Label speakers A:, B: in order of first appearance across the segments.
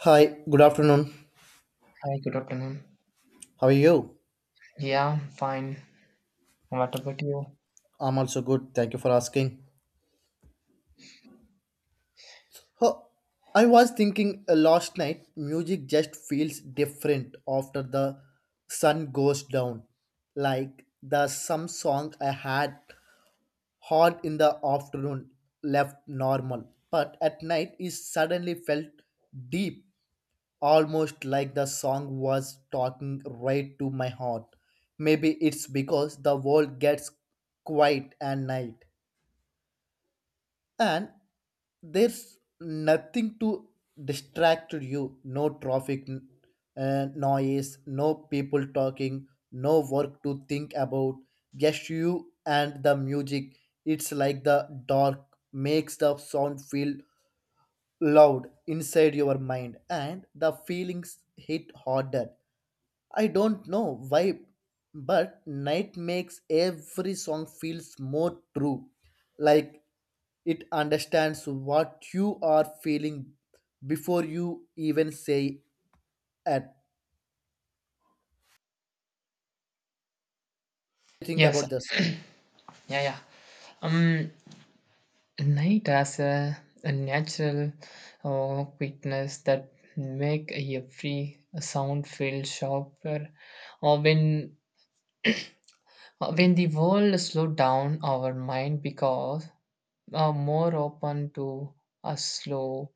A: Hi, good afternoon.
B: Hi, good afternoon.
A: How are you?
B: Yeah, I'm fine. What about you?
A: I'm also good. Thank you for asking. Oh, I was thinking last night, music just feels different after the sun goes down. Like the some song I had heard in the afternoon left normal, but at night it suddenly felt deep, almost like the song was talking right to my heart. Maybe it's because the world gets quiet at night and there's nothing to distract you no traffic noise no people talking no work to think about just you and the music it's like the dark makes the sound feel loud inside your mind and the feelings hit harder I don't know why but night makes every song feels more true like it understands what you are feeling before you even say it. Think
B: Yes,
A: about this.
B: yeah, yeah. Um, night has a natural quickness that make every sound feel sharper. Or when the world slow down, our mind because are more open to a slow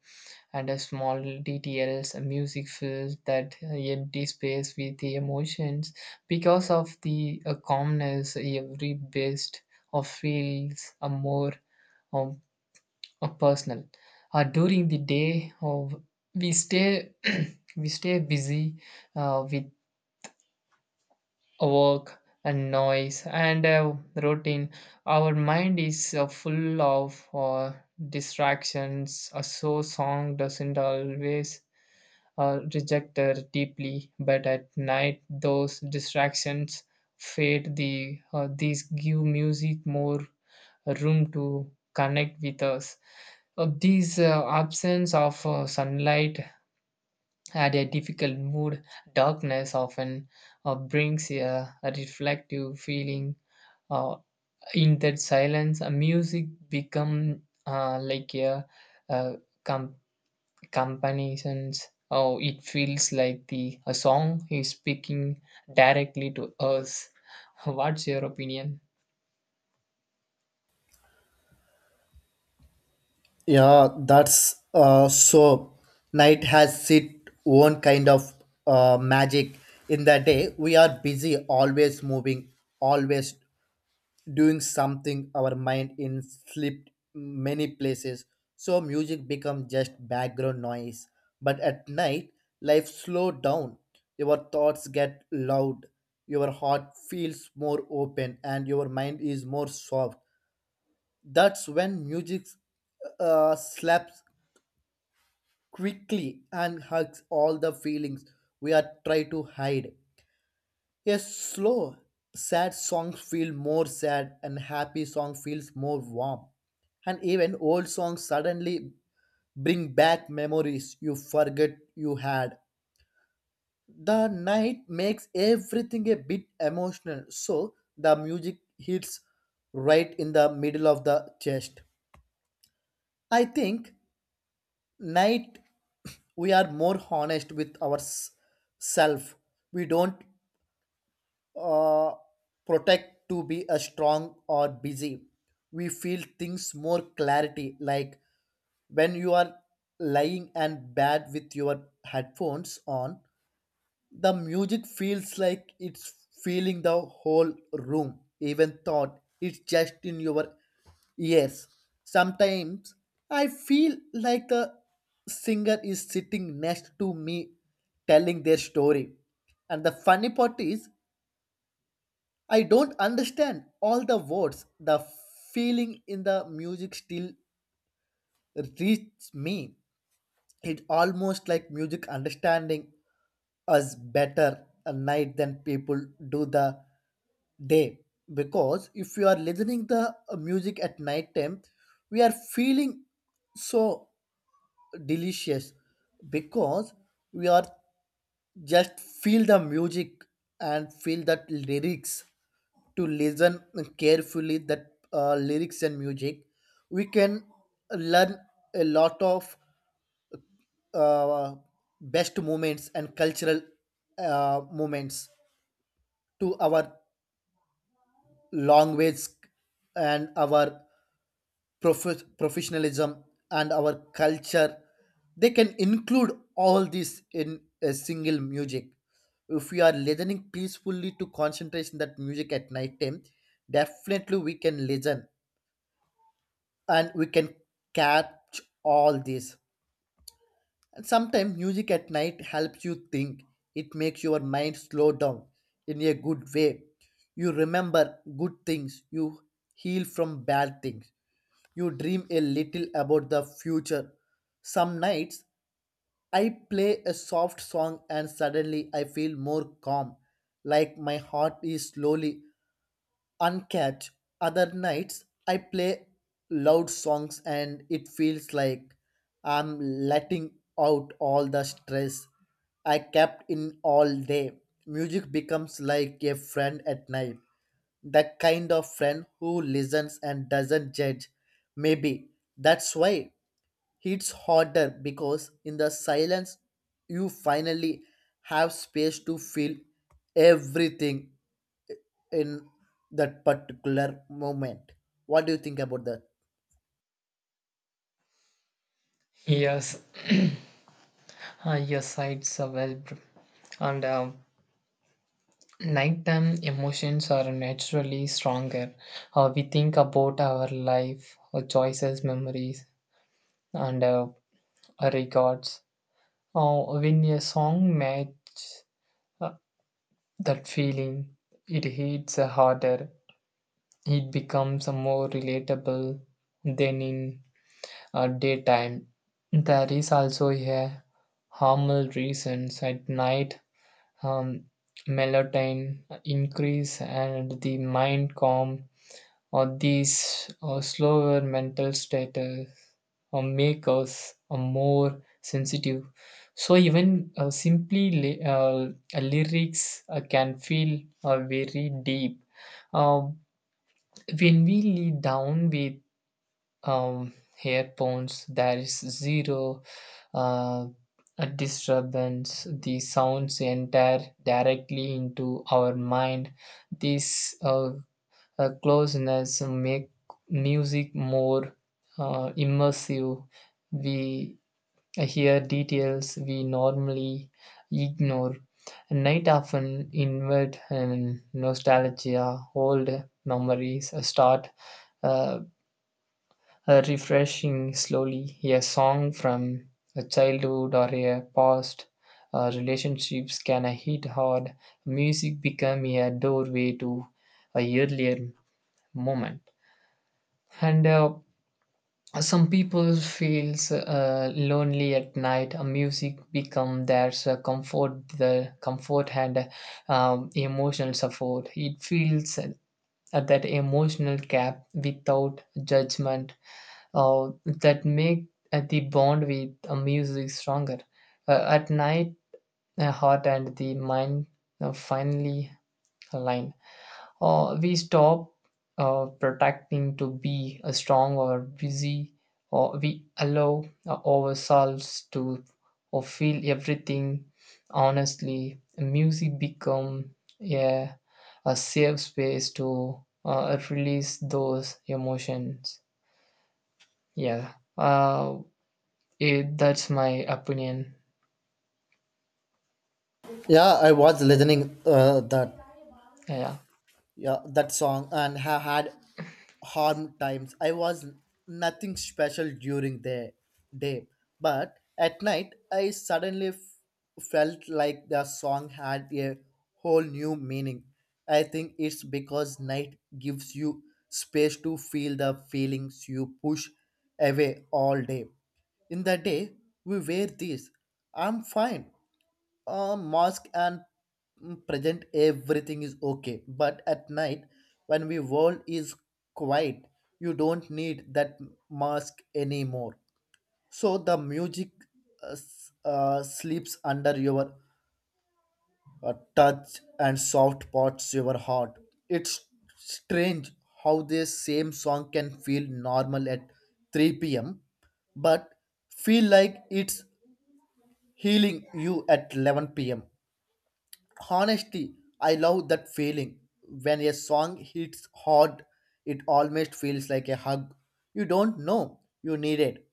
B: and a small details a music fills that empty space with the emotions because of the calmness every best of feels a more um, a personal during the day of we stay we stay busy with work and noise and routine our mind is full of distractions so song doesn't always or rejected deeply, but at night those distractions fade. These give music more room to connect with us. These absence of sunlight at a difficult mood, darkness often brings a reflective feeling. Uh, in that silence, music become like a com- comparisons. Oh, it feels like the a song is speaking directly to us. What's your opinion?
A: Yeah, that's so. Night has its own kind of magic. In the day, we are busy, always moving, always doing something our mind in slipped many places so music become just background noise but at night life slow down your thoughts get loud your heart feels more open and your mind is more soft that's when music slaps quickly and hugs all the feelings we are trying to hide a slow, sad song feels more sad, and happy song feels more warm. And even old songs suddenly bring back memories you forget you had. The night makes everything a bit emotional, so the music hits right in the middle of the chest. I think night we are more honest with ourselves. We don't uh, protect to be a strong or busy we feel things more clarity like when you are lying and bad with your headphones on the music feels like it's filling the whole room even thought it's just in your ears sometimes I feel like the singer is sitting next to me telling their story and the funny part is I don't understand all the words. The feeling in the music still reaches me. It's almost like music understanding us better a night than people do the day. Because if you are listening the music at night time, we are feeling so delicious because we are just feel the music and feel that lyrics to listen carefully that lyrics and music we can learn a lot of uh, best moments and cultural moments to our language and our professionalism and our culture they can include all this in a single music if we are listening peacefully to concentration that music at night time definitely we can listen and we can catch all this and sometimes music at night helps you think it makes your mind slow down in a good way you remember good things you heal from bad things you dream a little about the future. Some nights I play a soft song and suddenly I feel more calm, like my heart is slowly uncatch. Other nights I play loud songs and it feels like I'm letting out all the stress I kept in all day. Music becomes like a friend at night the kind of friend who listens and doesn't judge. Maybe that's why it's harder because in the silence you finally have space to feel everything in that particular moment. What do you think about that?
B: Yes, yes, it's a well, and nighttime emotions are naturally stronger. We think about our life, our choices, memories, and our records. When a song matches uh, that feeling, it hits harder. It becomes a more relatable than in daytime. There is also a hormonal reasons at night um, melatonin increase and the mind calm or these or slower mental status or make us more sensitive. So even simply lyrics can feel very deep. Uh, when we lead down with um, headphones, there is zero uh, a disturbance. The sounds enter directly into our mind. This closeness make music more immersive. We here, details we normally ignore. Night often invert and nostalgia, old memories start uh, refreshing slowly. A song from a childhood or a past relationships can hit hard. Music become a doorway to a earlier moment. And Some people feels lonely at night. Music become their comfort, the comfort and emotional support. It feels that emotional gap without judgment that make the bond with music stronger. At night, heart and the mind finally align we stop protecting to be strong or busy, or we allow ourselves to or feel everything honestly. Music become yeah, a safe space to release those emotions. Yeah, that's my opinion.
A: Yeah, I was listening
B: Yeah.
A: that song and have had harm times I was nothing special during the day but at night I suddenly felt like the song had a whole new meaning I think it's because night gives you space to feel the feelings you push away all day in the day we wear this I'm fine mask and present everything is okay but at night when we world is quiet you don't need that mask anymore so the music sleeps under your touch and soft parts your heart it's strange how this same song can feel normal at 3 p.m but feel like it's healing you at 11 p.m. Honestly, I love that feeling. When a song hits hard, it almost feels like a hug. You don't know you need it.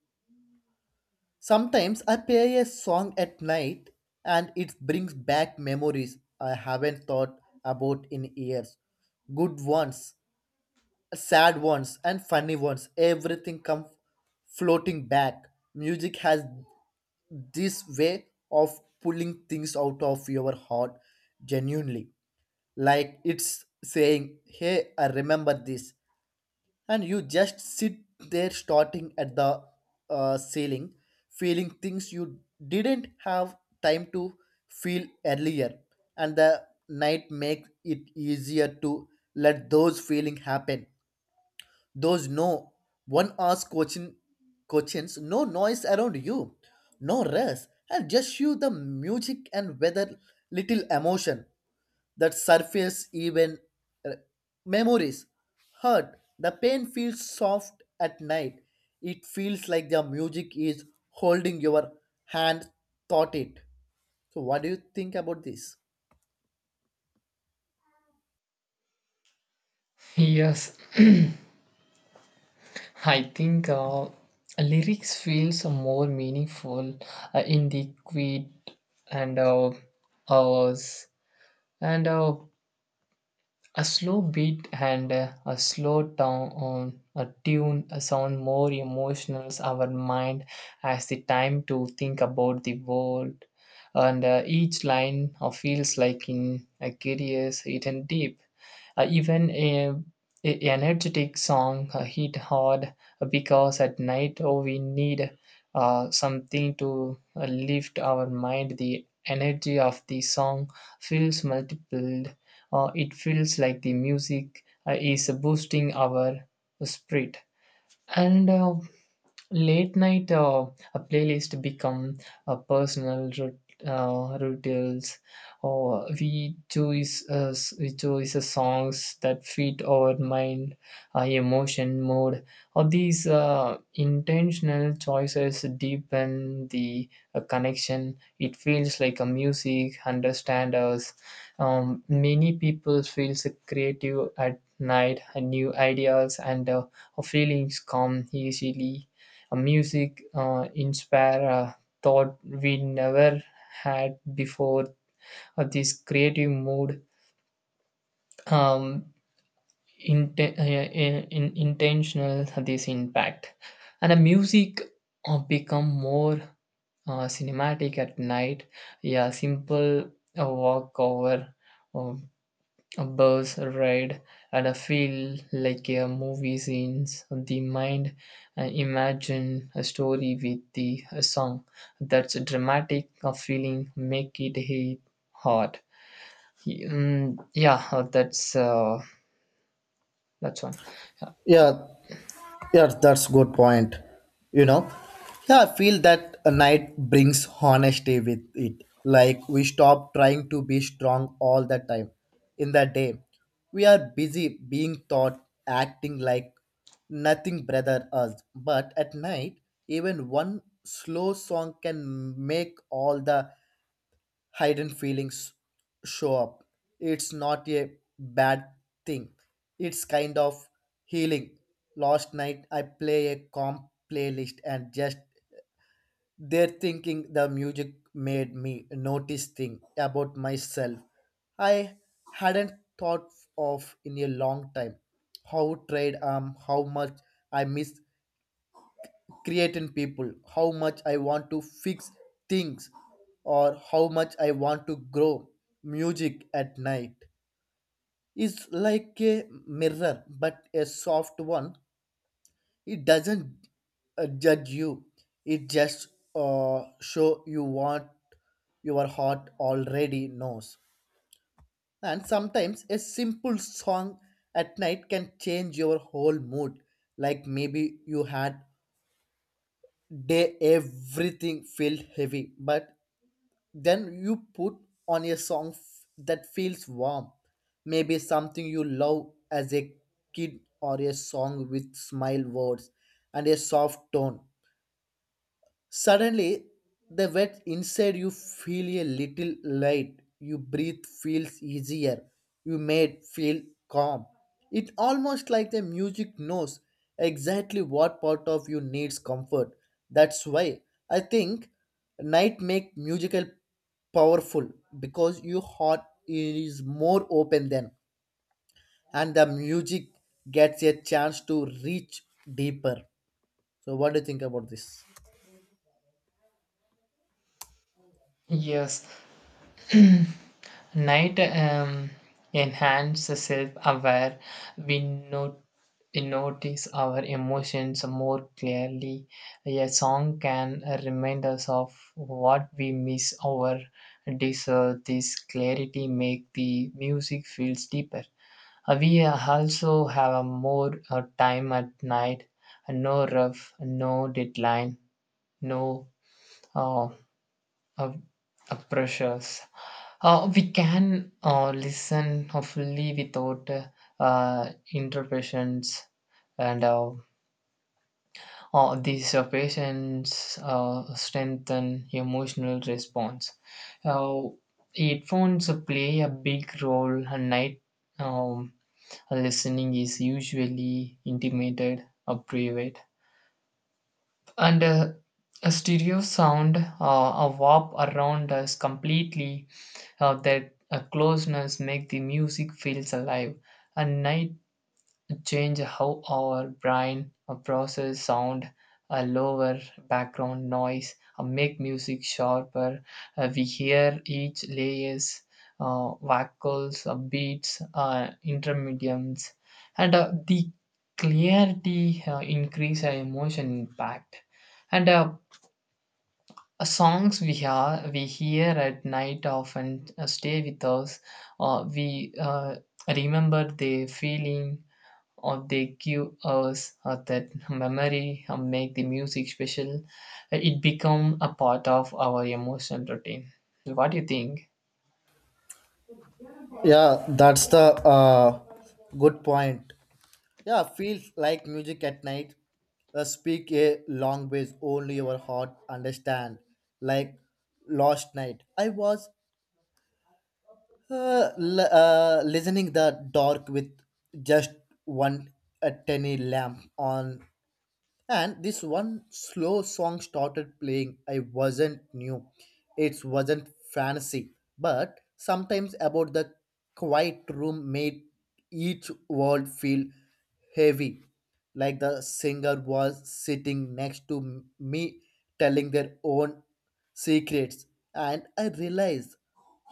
A: Sometimes I play a song at night and it brings back memories I haven't thought about in years. Good ones, sad ones, and funny ones. Everything comes floating back. Music has this way of pulling things out of your heart genuinely like it's saying, Hey, I remember this. And you just sit there starting at the ceiling, feeling things you didn't have time to feel earlier. And the night makes it easier to let those feelings happen. Those no one ask coaching questions, no noise around you, no rush, and just you the music and weather little emotion that surface even uh, memories hurt the pain feels soft at night it feels like the music is holding your hand thought it so what do you think about this
B: Yes, I think lyrics feels more meaningful in the quiet and hours and a slow beat and a slow down a tune sound more emotional our mind has the time to think about the world and each line feels like in a curious hidden deep even a energetic song hit hard because at night oh we need something to lift our mind the energy of the song feels multiple it feels like the music is boosting our spirit and late night a playlist become a personal rituals, or we choose we choose songs that fit our mind, emotion, mood. Or these intentional choices deepen the connection. It feels like a music understand us. Many people feels creative at night, and new ideas and feelings come easily a music inspire a thought we never had before. This creative mood, um, intentional this impact, and the music become more cinematic at night. Yeah, simple walk over. uh, A bus ride and I feel like a movie scenes. The mind imagine a story with the a song that's dramatic. A feeling make it hit hard. Mm, yeah, that's one.
A: Yeah, Yeah, that's good point. You know, yeah, I feel that a night brings honesty with it. Like we stop trying to be strong all the time. In the day, we are busy being taught acting like nothing brother us. But at night, even one slow song can make all the hidden feelings show up. It's not a bad thing. It's kind of healing. Last night I play a calm playlist and just there thinking the music made me notice thing about myself. I hadn't thought of in a long time. How trade how much I miss create in people, how much I want to fix things, or how much I want to grow. Music at night is like a mirror, but a soft one. It doesn't judge you. It just show you what your heart already knows. And sometimes a simple song at night can change your whole mood. Like maybe you had day everything felt heavy but then you put on a song that feels warm maybe something you love as a kid or a song with smile words and a soft tone Suddenly, the wet inside you feel a little light. You breathe feels easier. You made feel calm. It almost like the music knows exactly what part of you needs comfort. That's why I think night make musical powerful because your heart is more open then and the music gets a chance to reach deeper. So what do you think about this?
B: Yes, night enhances self-aware. We not We notice our emotions more clearly. A song can remind us of what we miss or deserve. This clarity make the music feels deeper. We also have a more time at night, no rough, no deadline, no uh, uh, pressures. We can listen fully without interruptions, and these patients strengthen emotional response. Uh, Headphones play a big role, and night um, listening is usually intimated or private and a stereo sound a warp around us completely that closeness make the music feels alive and night change how our brain processes sound, lower background noise, make music sharper. We hear each layers, vocals, beats, intermediums, and the clarity increase our emotion impact. And Songs we hear at night often stay with us. We remember the feeling or they give us that memory make the music special it become a part of our emotional routine. What do you think?
A: Yeah, that's the good point. Yeah, feels like music at night. Speak a language only your heart understand. Like last night, I was listening the dark with just one a tiny lamp on and this one slow song started playing I wasn't new it wasn't fancy but sometimes about the quiet room made each word feel heavy like the singer was sitting next to me telling their own secrets and I realized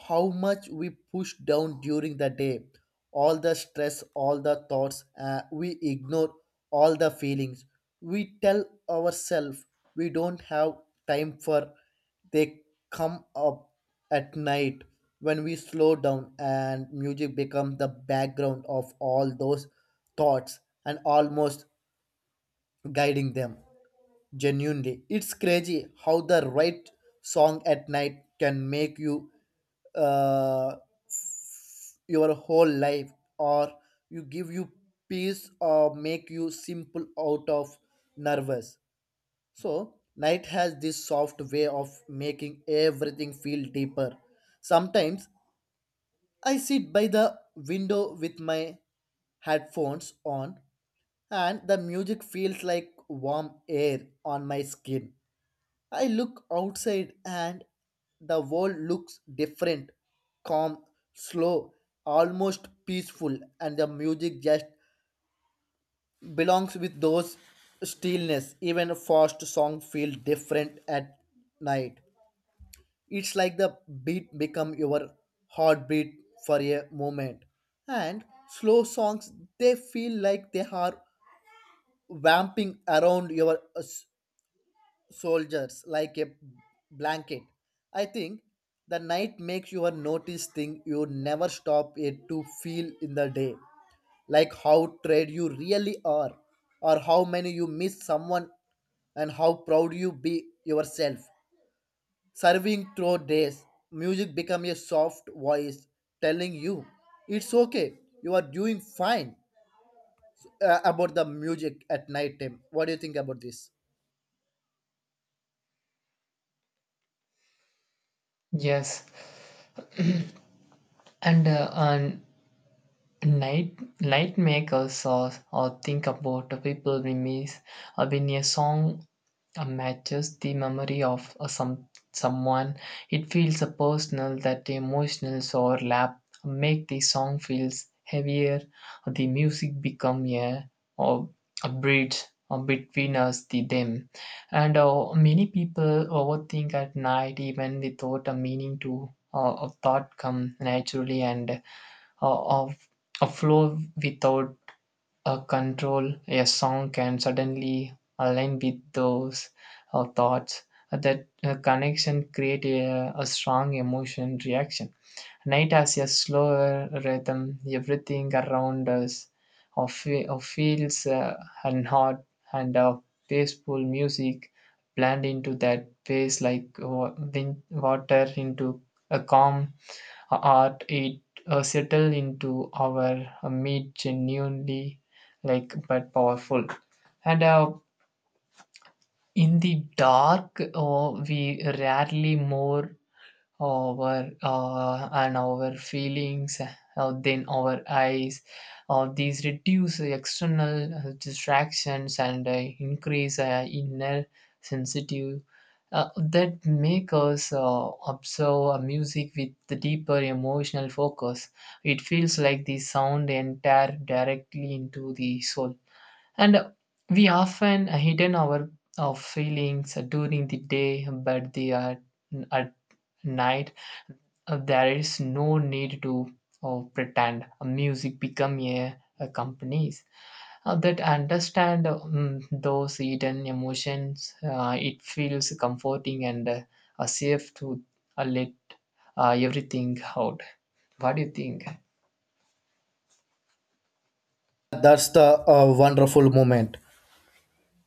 A: how much we push down during the day, all the stress, all the thoughts, we ignore all the feelings. We tell ourselves we don't have time for they come up at night when we slow down and music becomes the background of all those thoughts and almost guiding them. Genuinely, it's crazy how the right song at night can make you uh, your whole life or you give you peace or make you simple out of nervous so night has this soft way of making everything feel deeper sometimes I sit by the window with my headphones on and the music feels like warm air on my skin I look outside and the world looks different, calm, slow, almost peaceful, and the music just belongs with those stillness. Even a fast song feel different at night. It's like the beat become your heartbeat for a moment. And slow songs they feel like they are vamping around your soldiers like a blanket. I think the night makes you notice thing you never stop it to feel in the day, like how trade you really are, or how many you miss someone, and how proud you be yourself. Serving through days, music become a soft voice telling you it's okay, you are doing fine. About the music at night time, what do you think about this?
B: Yes, and night night makers or think about the people we miss when a song matches the memory of someone it feels a personal that emotional overlap make the song feels heavier the music become a or a bridge between us the them and many people overthink at night even without a meaning to a thought come naturally and of a flow without a control a song can suddenly align with those thoughts. That connection create a strong emotion reaction. Night has a slower rhythm. Everything around us of, of feels and hot and peaceful music blend into that pace like water into a calm art. It settle into our meat genuinely like but powerful. And in the dark, we rarely more our and our feelings then our eyes these reduce external distractions and increase inner sensitive that make us observe a music with the deeper emotional focus it feels like the sound enter directly into the soul and we often hidden our feelings during the day but they are at night there is no need to pretend music become a companies that understand those hidden emotions it feels comforting and safe to let everything out. What do you think?
A: That's the wonderful moment.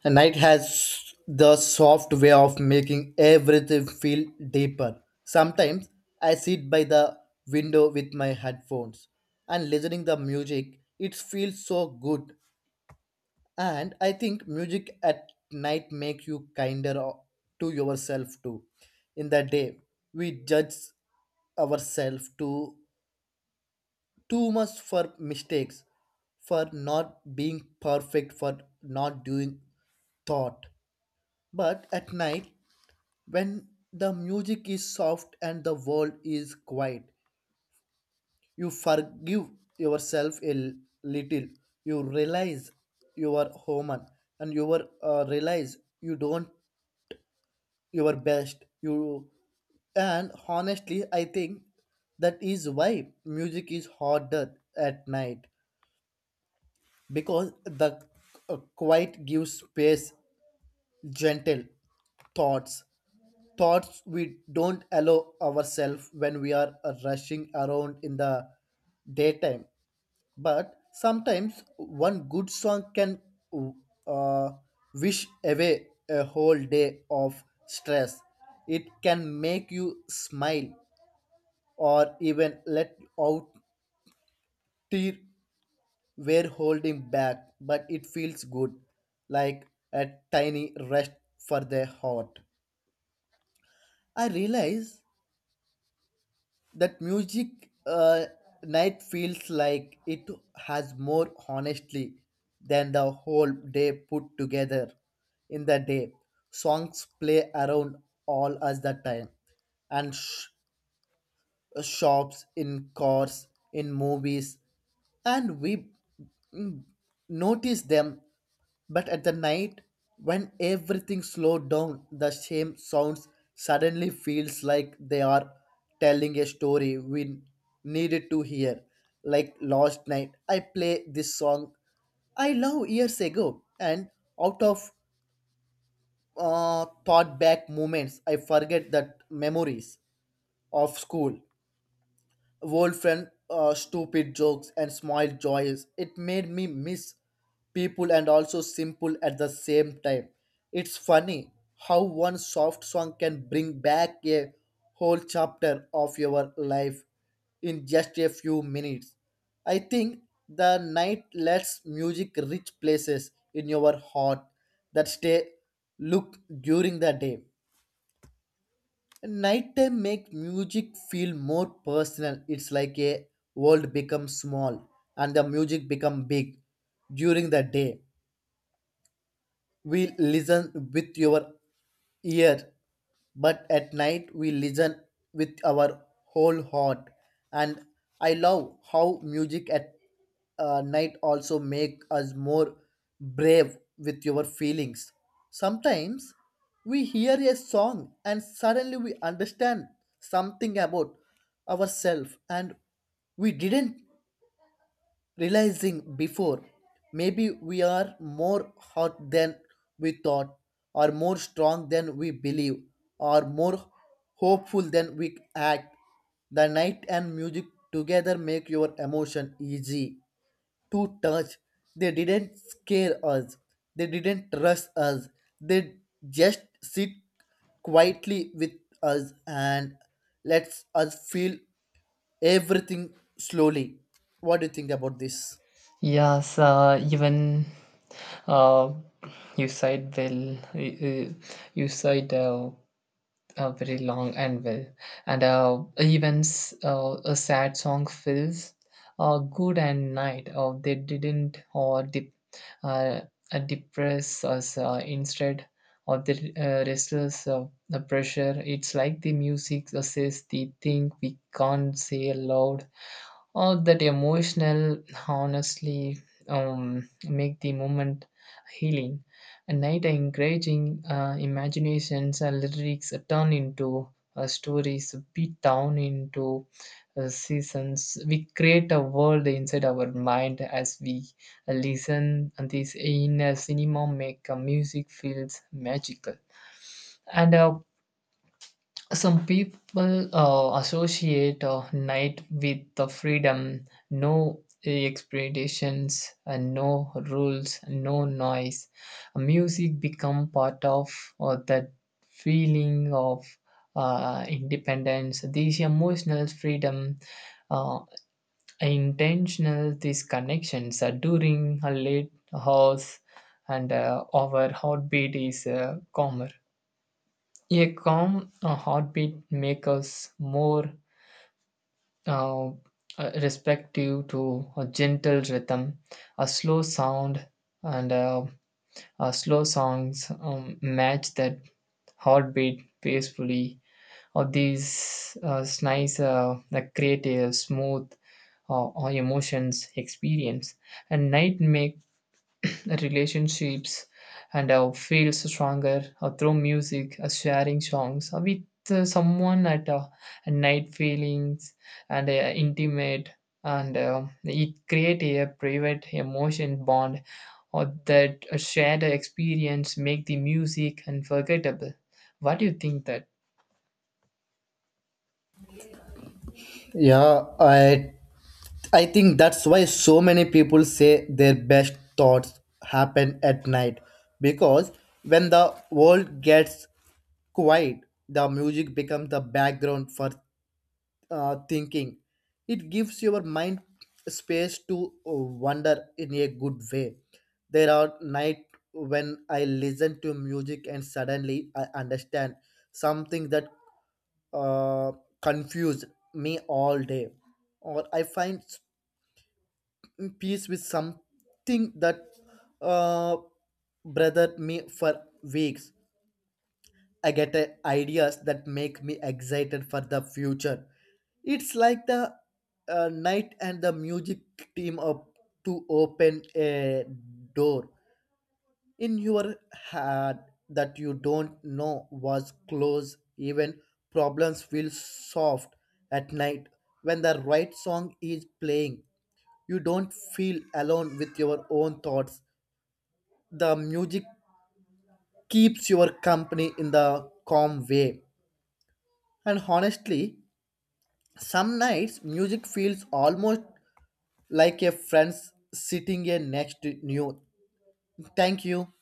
A: And night has the soft way of making everything feel deeper. Sometimes I sit by the window with my headphones and listening the music. It feels so good. And I think music at night makes you kinder to yourself too. In the day, we judge ourselves too much for mistakes, for not being perfect, for not doing thought. But at night, when the music is soft and the world is quiet, you forgive yourself a little. You realize you are human and you are, realize you don't your best. You and honestly, I think that is why music is harder at night because the quiet gives space, gentle thoughts thoughts we don't allow ourselves when we are rushing around in the daytime. But sometimes one good song can uh, wish away a whole day of stress. It can make you smile or even let out tear we're holding back, but it feels good, like a tiny rest for the heart. I realize that music night feels like it has more honestly than the whole day put together in the day songs play around all us the time and shops, in cars, in movies, and we mm, notice them. But at the night, when everything slowed down, the same sounds suddenly feels like they are telling a story we needed to hear. Like last night, I play this song I love years ago, and out of thought back moments, I forget that memories of school old friend stupid jokes and small joys. It made me miss people and also simple at the same time. It's funny how one soft song can bring back a whole chapter of your life in just a few minutes. I think the night lets music reach places in your heart that stay look during the day. Nighttime make music feel more personal. It's like a world becomes small and the music become big during the day. We listen with your ear, but at night we listen with our whole heart. And I love how music at night also make us more brave with your feelings. Sometimes we hear a song and suddenly we understand something about ourselves and we didn't realizing before maybe we are more hot than we thought or more strong than we believe or more hopeful than we act the night and music together make your emotion easy to touch they didn't scare us they didn't rush us they just sit quietly with us and lets us feel everything slowly what do you think about this
B: Yes even uh, you said well uh, uh, you said very long and well. And even a sad song feels good and night. They didn't or dip, uh, depress us. Instead, or the restless the pressure. It's like the music says the thing we can't say aloud all that emotional honestly make the moment healing and night encouraging imaginations and lyrics turn into stories beat down into seasons we create a world inside our mind as we listen and this inner cinema make music feels magical and some people associate night with the freedom, no expectations, and no rules, no noise. Music become part of that feeling of independence. This emotional freedom, uh, intentional these connections during a late hours, and our heartbeat is calmer. A calm heartbeat makes us more uh, uh, respective to a gentle rhythm. A slow sound and slow songs match that heartbeat peacefully. Or these nice that create a smooth or emotions experience. And night makes relationships and feels stronger through music, sharing songs with someone at night feelings and intimate and it create a private emotion bond or that a shared experience make the music unforgettable. What do you think that?
A: Yeah, I think that's why so many people say their best thoughts happen at night because when the world gets quiet, the music becomes the background for thinking. It gives your mind space to wander in a good way. There are night when I listen to music and suddenly I understand something that uh, confuse me all day, or I find peace with something that uh, bothered me for weeks. I get ideas that make me excited for the future. It's like the night and the music team up to open a door in your head that you don't know was closed. Even problems feel soft at night when the right song is playing you don't feel alone with your own thoughts. The music keeps your company in the calm way. And honestly, some nights music feels almost like a friend's sitting here next to you. Thank you.